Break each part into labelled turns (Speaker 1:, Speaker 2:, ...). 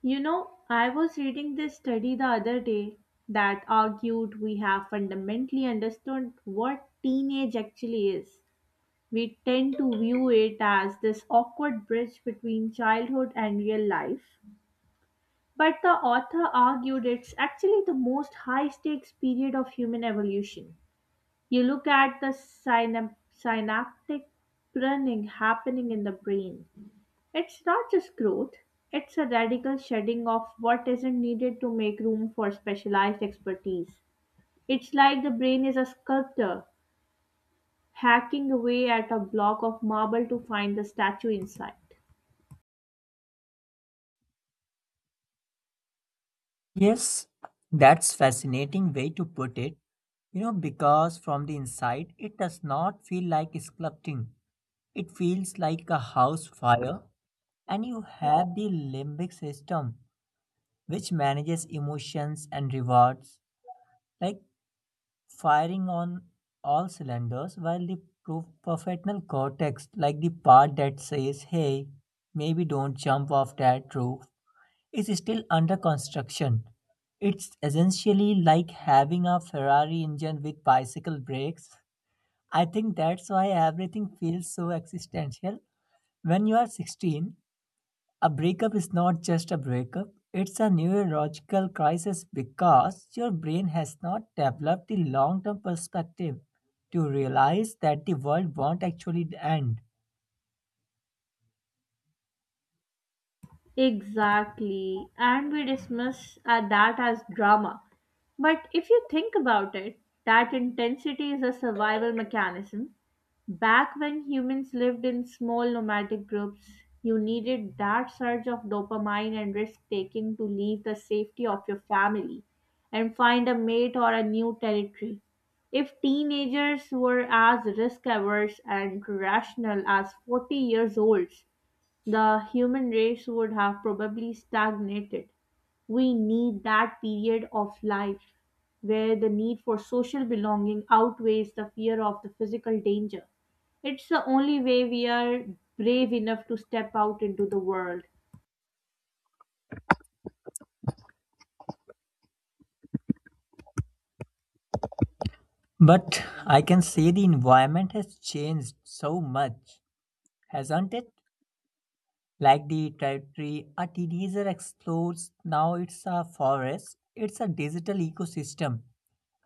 Speaker 1: You know, I was reading this study the other day that argued we have fundamentally understood what teenage actually is. We tend to view it as this awkward bridge between childhood and real life. But the author argued it's actually the most high stakes period of human evolution. You look at the synaptic pruning happening in the brain. It's not just growth, it's a radical shedding of what isn't needed to make room for specialized expertise. It's like the brain is a sculptor hacking away at a block of marble to find the statue inside.
Speaker 2: Yes, that's fascinating way to put it. You know, because from the inside, it does not feel like sculpting. It feels like a house fire, and you have the limbic system, which manages emotions and rewards, like firing on all cylinders, while the prefrontal cortex, like the part that says, "Hey, maybe don't jump off that roof," is still under construction. It's essentially like having a Ferrari engine with bicycle brakes. I think that's why everything feels so existential. When you are 16, a breakup is not just a breakup, it's a neurological crisis because your brain has not developed the long term perspective to realize that the world won't actually end.
Speaker 1: Exactly. And we dismiss that as drama. But if you think about it, that intensity is a survival mechanism. Back when humans lived in small nomadic groups, you needed that surge of dopamine and risk taking to leave the safety of your family and find a mate or a new territory. If teenagers were as risk averse and rational as 40 years olds, the human race would have probably stagnated. We need that period of life where the need for social belonging outweighs the fear of the physical danger. It's the only way we are brave enough to step out into the world.
Speaker 2: But I can say the environment has changed so much, hasn't it? Like the territory a teenager explores, now it's a forest, it's a digital ecosystem.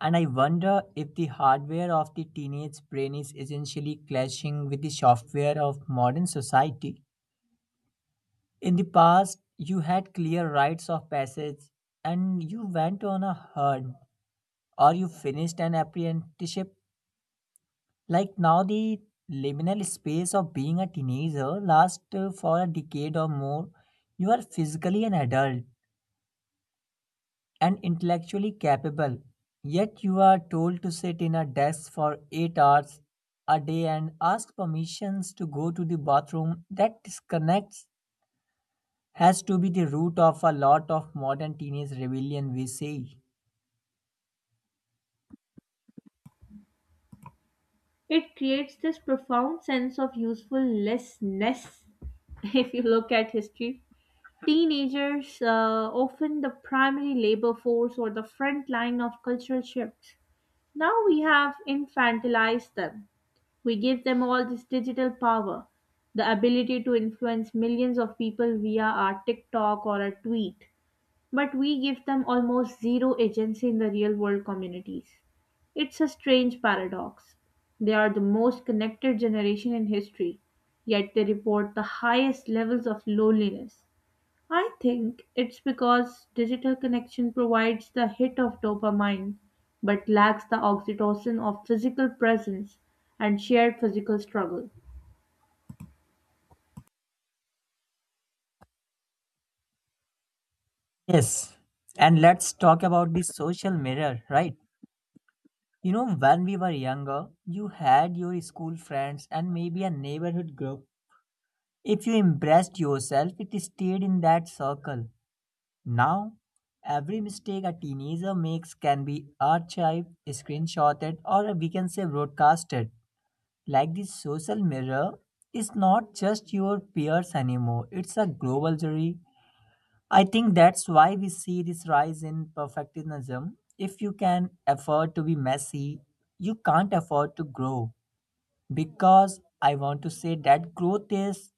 Speaker 2: And I wonder if the hardware of the teenage brain is essentially clashing with the software of modern society. In the past, you had clear rites of passage and you went on a hunt or you finished an apprenticeship like now, the liminal space of being a teenager lasts for a decade or more. You are physically an adult and intellectually capable, yet you are told to sit in a desk for 8 hours a day and ask permissions to go to the bathroom. That disconnects has to be the root of a lot of modern teenage rebellion, we say.
Speaker 1: It creates this profound sense of usefulnessness if you look at history. Teenagers often the primary labor force or the front line of cultural shifts. Now we have infantilized them. We give them all this digital power, the ability to influence millions of people via our TikTok or a tweet, but we give them almost zero agency in the real world communities. It's a strange paradox. They are the most connected generation in history, yet they report the highest levels of loneliness. I think it's because digital connection provides the hit of dopamine but lacks the oxytocin of physical presence and shared physical struggle.
Speaker 2: Yes, and let's talk about the social mirror, right? You know, when we were younger, you had your school friends and maybe a neighborhood group. If you impressed yourself, it stayed in that circle. Now, every mistake a teenager makes can be archived, screenshotted, or we can say broadcasted. Like this social mirror is not just your peers anymore, it's a global jury. I think that's why we see this rise in perfectionism. If you can afford to be messy, you can't afford to grow. Because I want to say that growth is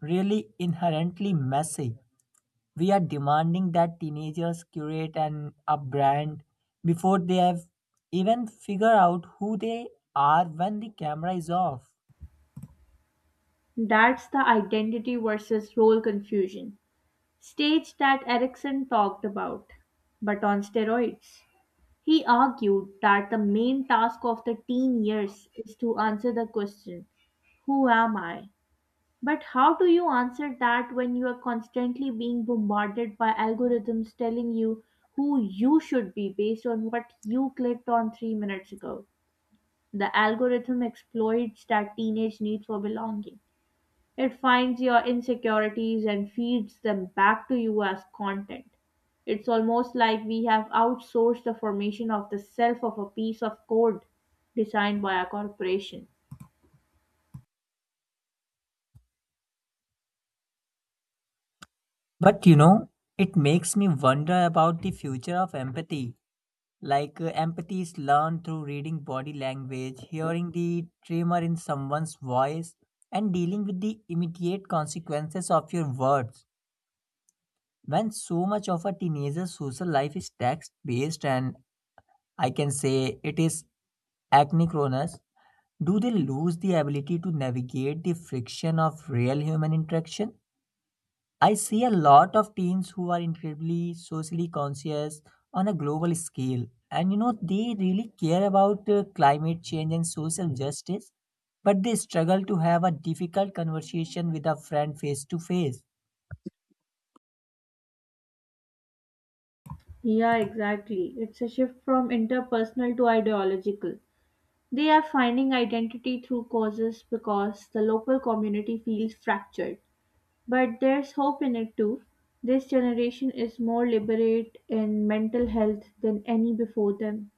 Speaker 2: really inherently messy. We are demanding that teenagers curate an a brand before they have even figure out who they are when the camera is off.
Speaker 1: That's the identity versus role confusion stage that Erickson talked about, but on steroids. He argued that the main task of the teen years is to answer the question, who am I? But how do you answer that when you are constantly being bombarded by algorithms telling you who you should be based on what you clicked on 3 minutes ago? The algorithm exploits that teenage need for belonging. It finds your insecurities and feeds them back to you as content. It's almost like we have outsourced the formation of the self of a piece of code designed by a corporation.
Speaker 2: But you know, it makes me wonder about the future of empathy. Like empathy is learned through reading body language, hearing the tremor in someone's voice, and dealing with the immediate consequences of your words. When so much of a teenager's social life is text based, and I can say it is acne-chronous, do they lose the ability to navigate the friction of real human interaction? I see a lot of teens who are incredibly socially conscious on a global scale. And you know, they really care about climate change and social justice, but they struggle to have a difficult conversation with a friend face to face.
Speaker 1: Yeah, exactly. It's a shift from interpersonal to ideological. They are finding identity through causes because the local community feels fractured. But there's hope in it too. This generation is more liberate in mental health than any before them.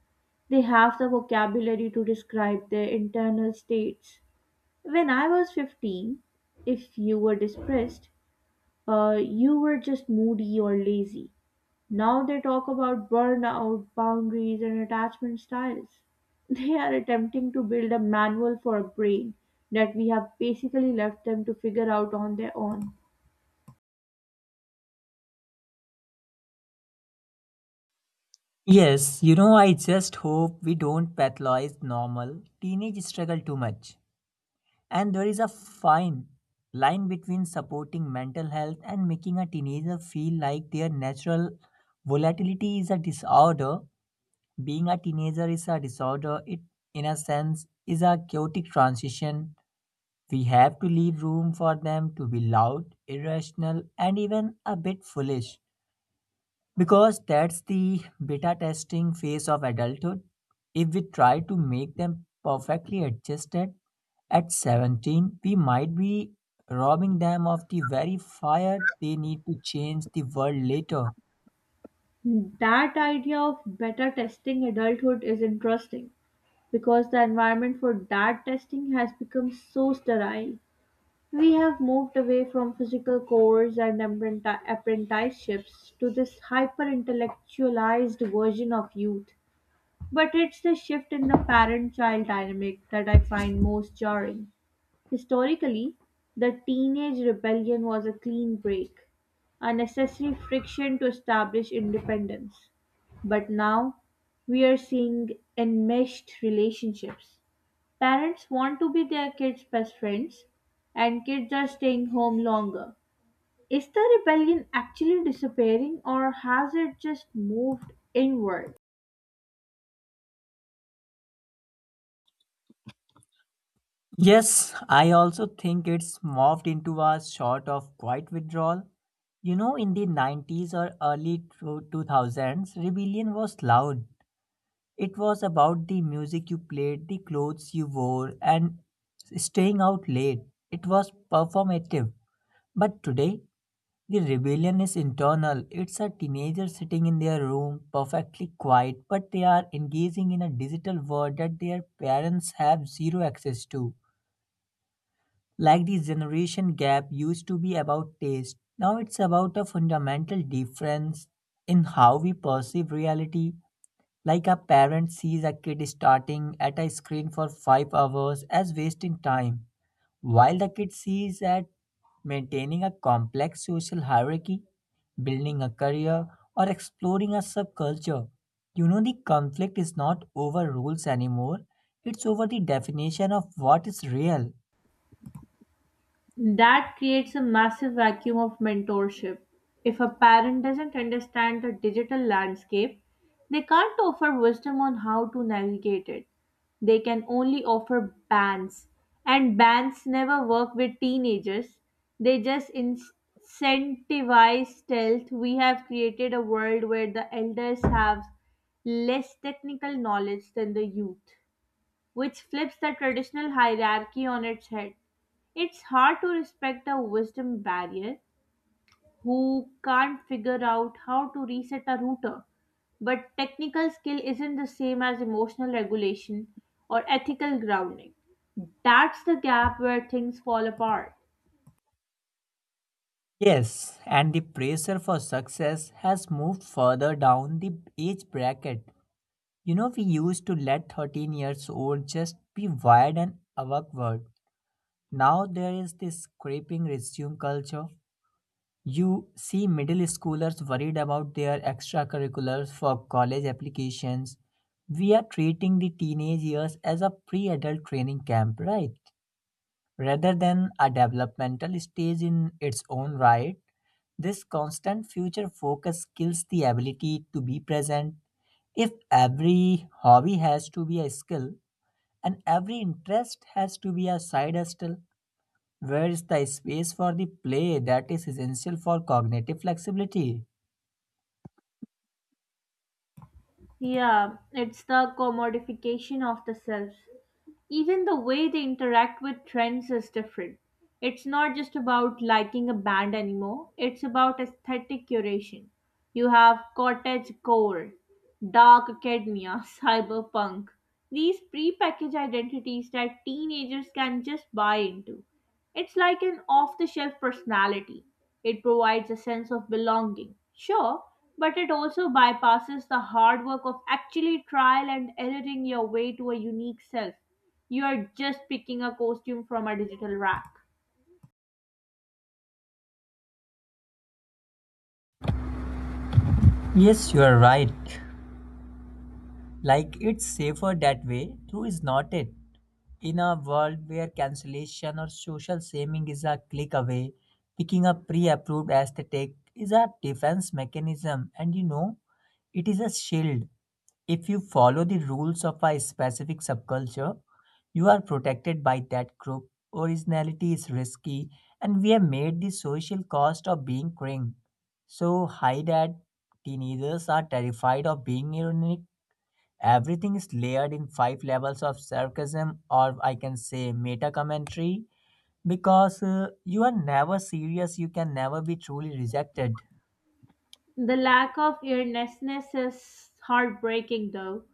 Speaker 1: They have the vocabulary to describe their internal states. When I was 15, if you were depressed, you were just moody or lazy. Now they talk about burnout, boundaries, and attachment styles. They are attempting to build a manual for a brain that we have basically left them to figure out on their own.
Speaker 2: Yes, you know, I just hope we don't pathologize normal teenage struggle too much. And there is a fine line between supporting mental health and making a teenager feel like their natural volatility is a disorder. Being a teenager is a disorder. It, in a sense, is a chaotic transition. We have to leave room for them to be loud, irrational, and even a bit foolish. Because that's the beta testing phase of adulthood. If we try to make them perfectly adjusted at 17, we might be robbing them of the very fire they need to change the world later.
Speaker 1: That idea of better testing adulthood is interesting because the environment for that testing has become so sterile. We have moved away from physical cores and apprenticeships to this hyper intellectualized version of youth. But it's the shift in the parent child dynamic that I find most jarring. Historically, the teenage rebellion was a clean break, a necessary friction to establish independence. But now, we are seeing enmeshed relationships. Parents want to be their kids' best friends, and kids are staying home longer. Is the rebellion actually disappearing, or has it just moved inward?
Speaker 2: Yes, I also think it's morphed into a sort of quiet withdrawal. You know, in the 90s or early 2000s, rebellion was loud. It was about the music you played, the clothes you wore, and staying out late. It was performative. But today, the rebellion is internal. It's a teenager sitting in their room, perfectly quiet, but they are engaging in a digital world that their parents have zero access to. Like the generation gap used to be about taste, now it's about a fundamental difference in how we perceive reality. Like a parent sees a kid starting at a screen for 5 hours as wasting time, while the kid sees that maintaining a complex social hierarchy, building a career, or exploring a subculture. You know, the conflict is not over rules anymore, it's over the definition of what is real.
Speaker 1: That creates a massive vacuum of mentorship. If a parent doesn't understand the digital landscape, they can't offer wisdom on how to navigate it. They can only offer bans, and bans never work with teenagers. They just incentivize stealth. We have created a world where the elders have less technical knowledge than the youth, which flips the traditional hierarchy on its head. It's hard to respect a wisdom barrier who can't figure out how to reset a router. But technical skill isn't the same as emotional regulation or ethical grounding. That's the gap where things fall apart.
Speaker 2: Yes, and the pressure for success has moved further down the age bracket. You know, we used to let 13 years old just be wired and awkward. Now there is this scraping resume culture. You see middle schoolers worried about their extracurriculars for college applications. We are treating the teenage years as a pre-adult training camp, right? Rather than a developmental stage in its own right. This constant future focus kills the ability to be present. If every hobby has to be a skill and every interest has to be a side hustle, where is the space for the play that is essential for cognitive flexibility?
Speaker 1: Yeah, it's the commodification of the self. Even the way they interact with trends is different. It's not just about liking a band anymore, it's about aesthetic curation. You have cottage core, dark academia, cyberpunk. These prepackaged identities that teenagers can just buy into. It's like an off the shelf personality. It provides a sense of belonging, sure, but it also bypasses the hard work of actually trial and erroring your way to a unique self. You are just picking a costume from a digital rack.
Speaker 2: Yes, you are right. Like it's safer that way, true is not it. In a world where cancellation or social shaming is a click away, picking a pre approved aesthetic is a defense mechanism and you know, it is a shield. If you follow the rules of a specific subculture, you are protected by that group. Originality is risky, and we have made the social cost of being cringe so high that teenagers are terrified of being ironic. Everything is layered in five levels of sarcasm, or I can say meta commentary, because you are never serious, you can never be truly rejected.
Speaker 1: The lack of earnestness is heartbreaking, though.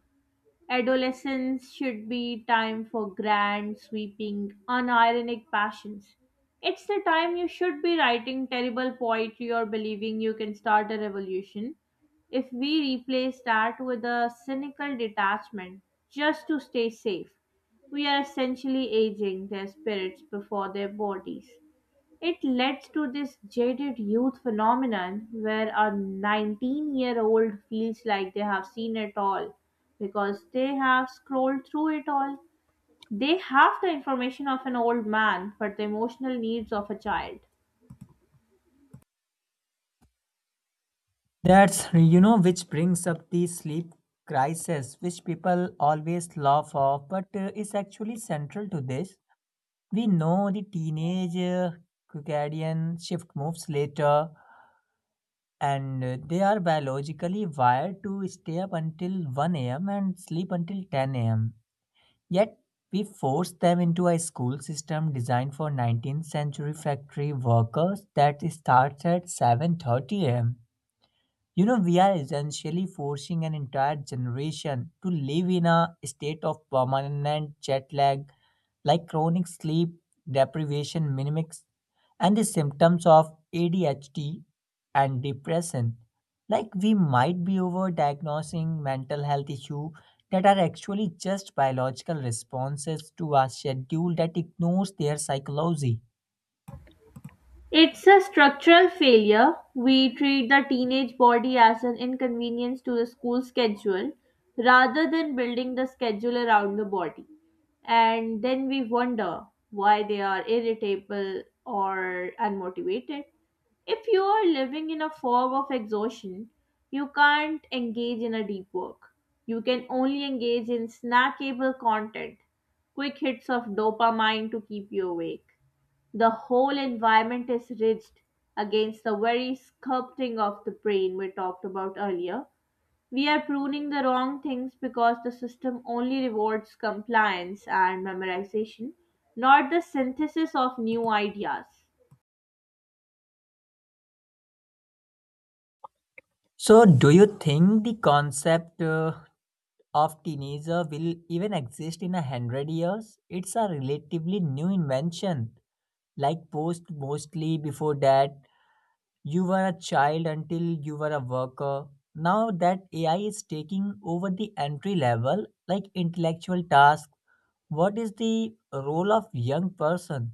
Speaker 1: Adolescence should be time for grand, sweeping, unironic passions. It's the time you should be writing terrible poetry or believing you can start a revolution. If we replace that with a cynical detachment just to stay safe, we are essentially aging their spirits before their bodies. It led to this jaded youth phenomenon where a 19-year-old feels like they have seen it all because they have scrolled through it all. They have the information of an old man, but the emotional needs of a child.
Speaker 2: That's, you know, which brings up the sleep crisis, which people always laugh off, but is actually central to this. We know the teenage circadian shift moves later, and they are biologically wired to stay up until 1 a.m. and sleep until 10 a.m. Yet, we force them into a school system designed for 19th century factory workers that starts at 7:30 a.m. You know, we are essentially forcing an entire generation to live in a state of permanent jet lag like chronic sleep deprivation mimics and the symptoms of ADHD and depression. Like we might be overdiagnosing mental health issue that are actually just biological responses to a schedule that ignores their psychology.
Speaker 1: It's a structural failure. We treat the teenage body as an inconvenience to the school schedule rather than building the schedule around the body. And then we wonder why they are irritable or unmotivated. If you are living in a fog of exhaustion, you can't engage in a deep work. You can only engage in snackable content, quick hits of dopamine to keep you awake. The whole environment is ridged against the very sculpting of the brain we talked about earlier. We are pruning the wrong things because the system only rewards compliance and memorization, not the synthesis of new ideas.
Speaker 2: So, do you think the concept of teenager will even exist in 100 years? It's a relatively new invention, like post mostly before that. You were a child until you were a worker. Now that AI is taking over the entry level, like intellectual tasks, what is the role of young person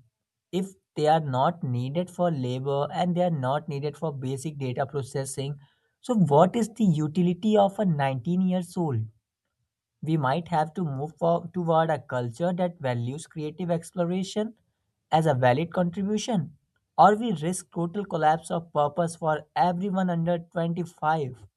Speaker 2: if they are not needed for labor and they are not needed for basic data processing? So what is the utility of a 19 years old? We might have to toward a culture that values creative exploration as a valid contribution, or we risk total collapse of purpose for everyone under 25.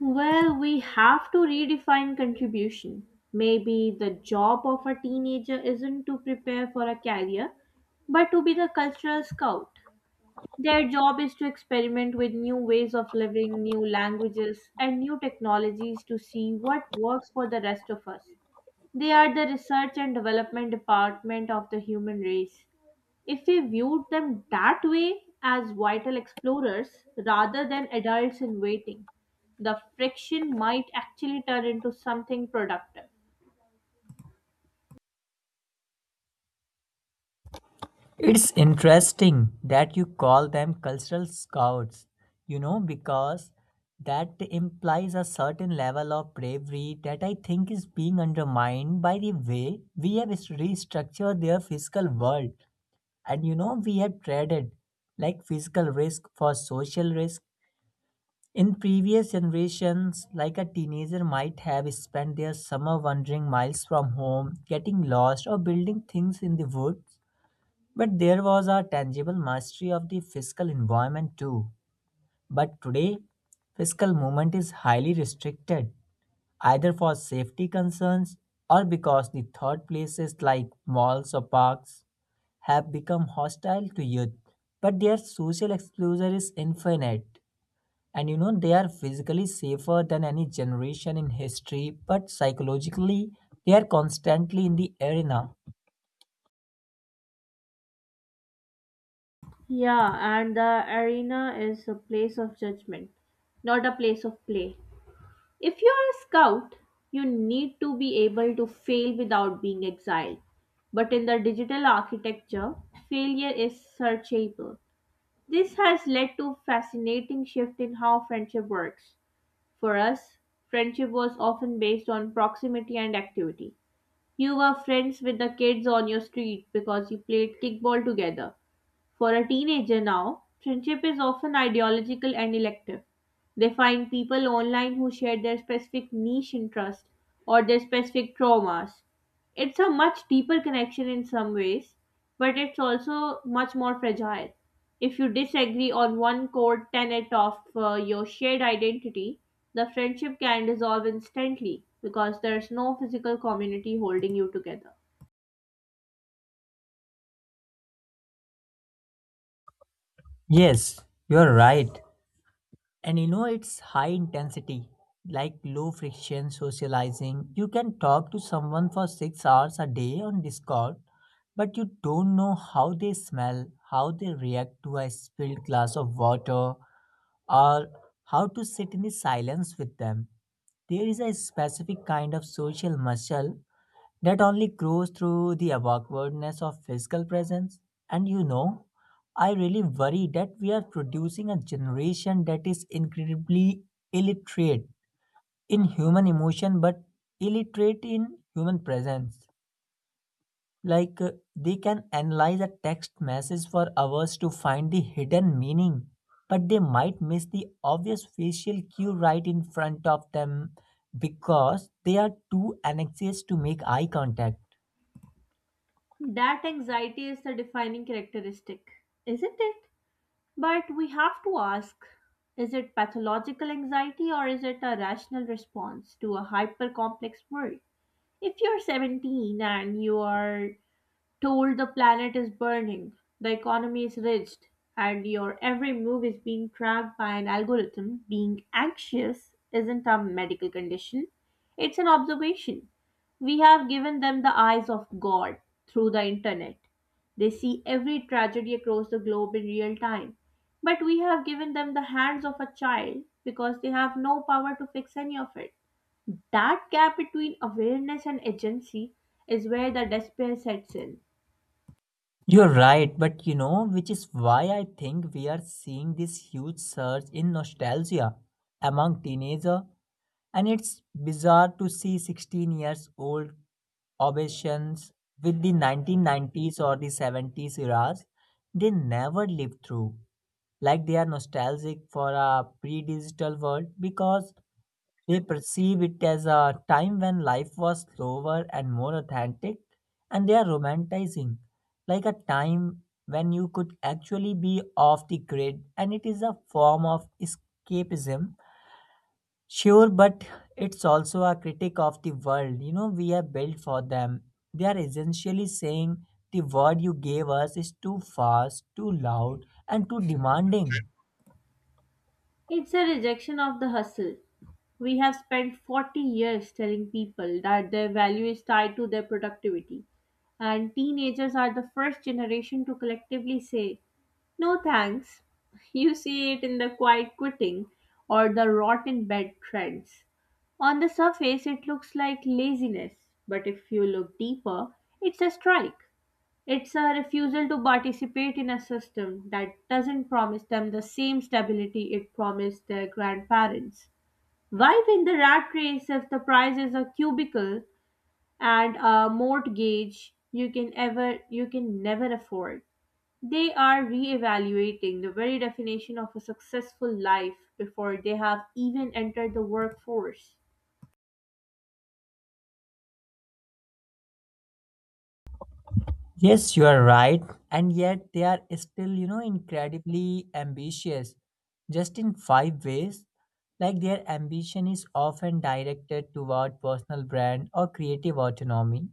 Speaker 1: Well, we have to redefine contribution. Maybe the job of a teenager isn't to prepare for a career, but to be the cultural scout. Their job is to experiment with new ways of living, new languages, and new technologies to see what works for the rest of us. They are the research and development department of the human race. If we viewed them that way as vital explorers rather than adults in waiting, the friction might actually turn into something productive.
Speaker 2: It's interesting that you call them cultural scouts, you know, because that implies a certain level of bravery that I think is being undermined by the way we have restructured their physical world. And you know, we have traded like physical risk for social risk. In previous generations, like a teenager might have spent their summer wandering miles from home, getting lost, or building things in the woods. But there was a tangible mastery of the physical environment too. But today, physical movement is highly restricted, either for safety concerns or because the third places like malls or parks have become hostile to youth, but their social exposure is infinite. And you know, they are physically safer than any generation in history, but psychologically, they are constantly in the arena.
Speaker 1: Yeah, and the arena is a place of judgment, not a place of play. If you are a scout, you need to be able to fail without being exiled. But in the digital architecture, failure is searchable. This has led to a fascinating shift in how friendship works. For us, friendship was often based on proximity and activity. You were friends with the kids on your street because you played kickball together. For a teenager now, friendship is often ideological and elective. They find people online who share their specific niche interest or their specific traumas. It's a much deeper connection in some ways, but it's also much more fragile. If you disagree on one core tenet of your shared identity, the friendship can dissolve instantly because there's no physical community holding you together.
Speaker 2: Yes, you're right. And you know, it's high intensity, like low friction socializing. You can talk to someone for 6 hours a day on Discord, but you don't know how they smell, how they react to a spilled glass of water, or how to sit in the silence with them. There is a specific kind of social muscle that only grows through the awkwardness of physical presence. And you know, I really worry that we are producing a generation that is incredibly illiterate in human emotion but illiterate in human presence. Like they can analyze a text message for hours to find the hidden meaning, but they might miss the obvious facial cue right in front of them because they are too anxious to make eye contact.
Speaker 1: That anxiety is the defining characteristic, isn't it? But we have to ask, is it pathological anxiety or is it a rational response to a hyper complex world? If you're 17 and you are told the planet is burning, the economy is rigged, and your every move is being tracked by an algorithm, being anxious isn't a medical condition, it's an observation. We have given them the eyes of God through the internet. They see every tragedy across the globe in real time. But we have given them the hands of a child because they have no power to fix any of it. That gap between awareness and agency is where the despair sets in.
Speaker 2: You're right, but you know, which is why I think we are seeing this huge surge in nostalgia among teenagers. And it's bizarre to see 16 years old obsessions with the 1990s or the 70s eras they never lived through. Like they are nostalgic for a pre digital world because they perceive it as a time when life was slower and more authentic, and they are romanticizing, like a time when you could actually be off the grid, and it is a form of escapism. Sure, but it's also a critic of the world, we have built for them. They are essentially saying the world you gave us is too fast, too loud, and too demanding.
Speaker 1: It's a rejection of the hustle. We have spent 40 years telling people that their value is tied to their productivity, and teenagers are the first generation to collectively say, no thanks. You see it in the quiet quitting or the rotten bed trends. On the surface, it looks like laziness, but if you look deeper, it's a strike. It's a refusal to participate in a system that doesn't promise them the same stability it promised their grandparents. Why win the rat race if the prize is a cubicle and a mortgage you can ever you can never afford? They are reevaluating the very definition of a successful life before they have even entered the workforce.
Speaker 2: Yes, you are right. And yet they are still, incredibly ambitious, just in five ways. Like their ambition is often directed toward personal brand or creative autonomy.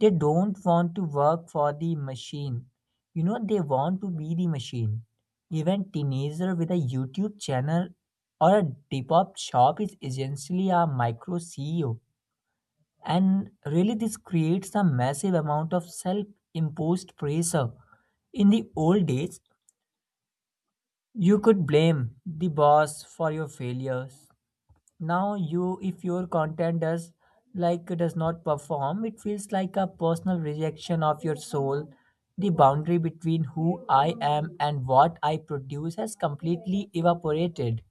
Speaker 2: They don't want to work for the machine. You know, they want to be the machine. Even teenager with a YouTube channel or a depop shop is essentially a micro CEO and really, this creates a massive amount of self imposed pressure. In the old days, you could blame the boss for your failures. Now, if your content does not perform, it feels like a personal rejection of your soul. The boundary between who I am and what I produce has completely evaporated.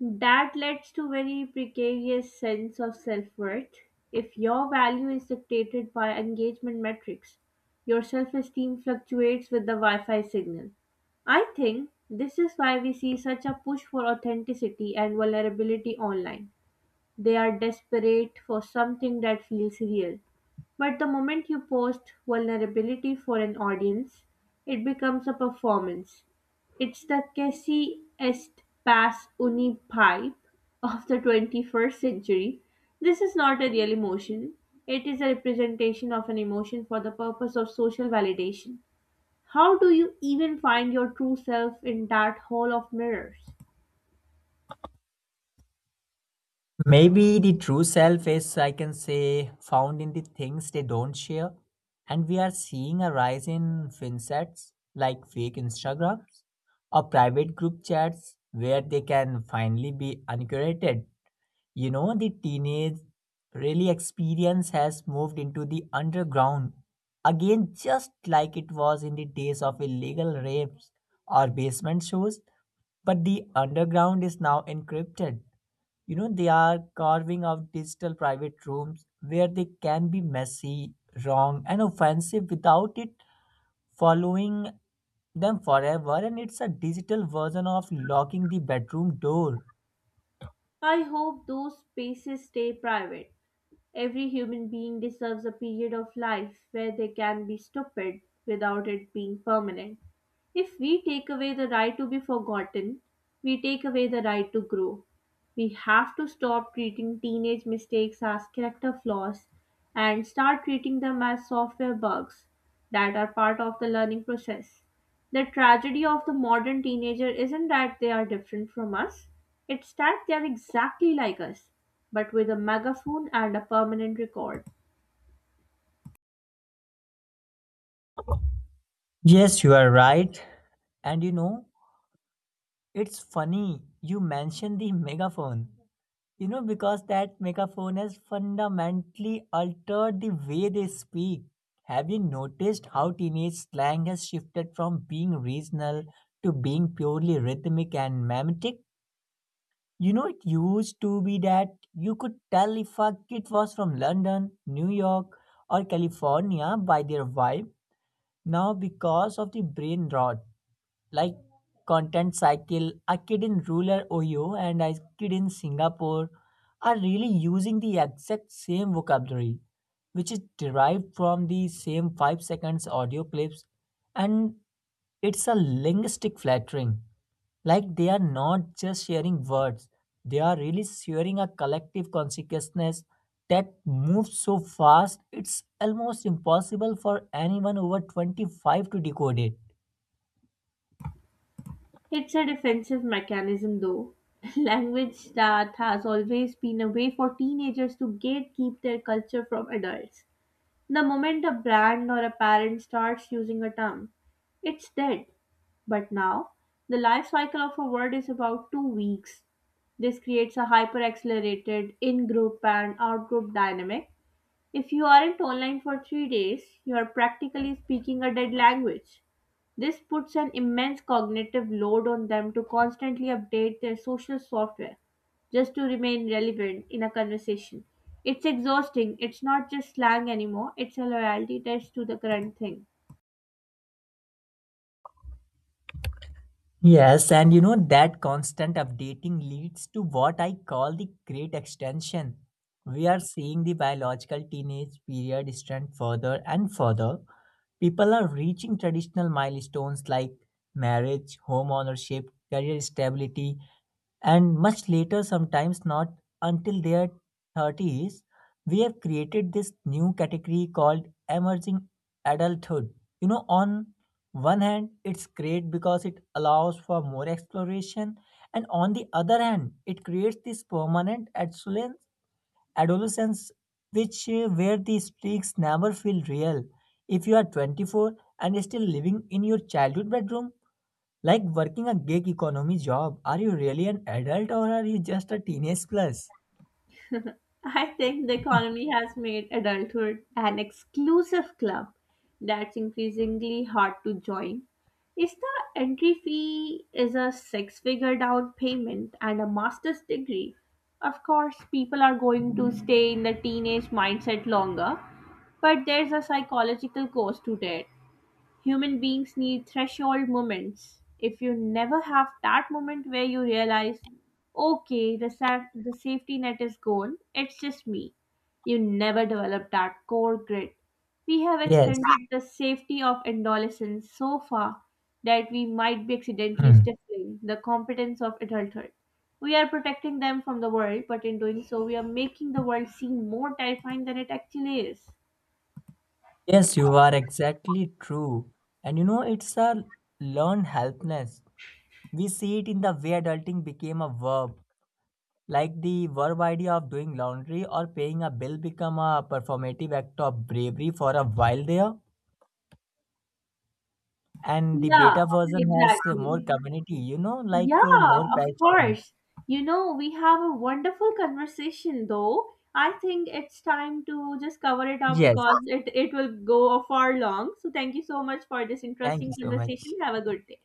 Speaker 1: That leads to very precarious sense of self-worth. If your value is dictated by engagement metrics, your self-esteem fluctuates with the Wi-Fi signal. I think this is why we see such a push for authenticity and vulnerability online. They are desperate for something that feels real. But the moment you post vulnerability for an audience, it becomes a performance. It's the Cassie est pas uni pipe of the 21st century. This is not a real emotion. It is a representation of an emotion for the purpose of social validation. How do you even find your true self in that hall of mirrors?
Speaker 2: Maybe the true self is, I can say, found in the things they don't share. And we are seeing a rise in finsets like fake Instagrams or private group chats where they can finally be uncurated, you know, the teenage really experience has moved into the underground again, just like it was in the days of illegal rapes or basement shows. But the underground is now encrypted. You know, they are carving out digital private rooms where they can be messy, wrong, and offensive without it following them forever. And it's a digital version of locking the bedroom door.
Speaker 1: I hope those spaces stay private. Every human being deserves a period of life where they can be stupid without it being permanent. If we take away the right to be forgotten, we take away the right to grow. We have to stop treating teenage mistakes as character flaws and start treating them as software bugs that are part of the learning process. The tragedy of the modern teenager isn't that they are different from us, it's that they are exactly like us, but with a megaphone and a permanent record.
Speaker 2: Yes, you are right. And you know, it's funny you mentioned the megaphone. You know, because that megaphone has fundamentally altered the way they speak. Have you noticed how teenage slang has shifted from being regional to being purely rhythmic and mimetic? You know, it used to be that you could tell if a kid was from London, New York, or California by their vibe. Now, because of the brain rot like content cycle, a kid in rural Ohio and a kid in Singapore are really using the exact same vocabulary, which is derived from the same 5 seconds audio clips. And it's a linguistic flattering, like they are not just sharing words, they are really sharing a collective consciousness that moves so fast it's almost impossible for anyone over 25 to decode it.
Speaker 1: It's a defensive mechanism, though. Language that has always been a way for teenagers to gatekeep their culture from adults. The moment a brand or a parent starts using a term, it's dead. But now, the life cycle of a word is about 2 weeks. This creates a hyper accelerated in group and out group dynamic. If you aren't online for 3 days, you are practically speaking a dead language. This puts an immense cognitive load on them to constantly update their social software just to remain relevant in a conversation. It's exhausting. It's not just slang anymore, it's a loyalty test to the current thing.
Speaker 2: Yes, and you know that constant updating leads to what I call the great extension. We are seeing the biological teenage period extend further and further. People are reaching traditional milestones like marriage, home ownership, career stability, and much later, sometimes not until their 30s. We have created this new category called emerging adulthood. You know, on one hand, it's great because it allows for more exploration, and on the other hand, it creates this permanent adolescence which where the streaks never feel real. If you are 24 and still living in your childhood bedroom, like working a gig economy job, are you really an adult or are you just a teenage plus?
Speaker 1: I think the economy has made adulthood an exclusive club that's increasingly hard to join. If the entry fee is a six figure down payment and a master's degree, of course, people are going to stay in the teenage mindset longer, but there's a psychological cost to it. Human beings need threshold moments. If you never have that moment where you realize, okay, the safety net is gone, it's just me, you never develop that core grit. We have
Speaker 2: Yes.
Speaker 1: extended the safety of adolescence so far that we might be accidentally
Speaker 2: Hmm.
Speaker 1: stifling the competence of adulthood. We are protecting them from the world, but in doing so, we are making the world seem more terrifying than it actually is.
Speaker 2: Yes, you are exactly true. And you know, it's a learned helplessness. We see it in the way adulting became a verb, like the verb idea of doing laundry or paying a bill become a performative act of bravery for a while there. And the
Speaker 1: Yeah,
Speaker 2: beta version has
Speaker 1: exactly.
Speaker 2: more community, you know, like
Speaker 1: Yeah,
Speaker 2: more
Speaker 1: of
Speaker 2: passion.
Speaker 1: course. You know, we have a wonderful conversation though. I think it's time to just cover it up
Speaker 2: Yes,
Speaker 1: because it will go far long. So thank you so much for this
Speaker 2: thank
Speaker 1: interesting
Speaker 2: you so
Speaker 1: conversation.
Speaker 2: much.
Speaker 1: Have a good day.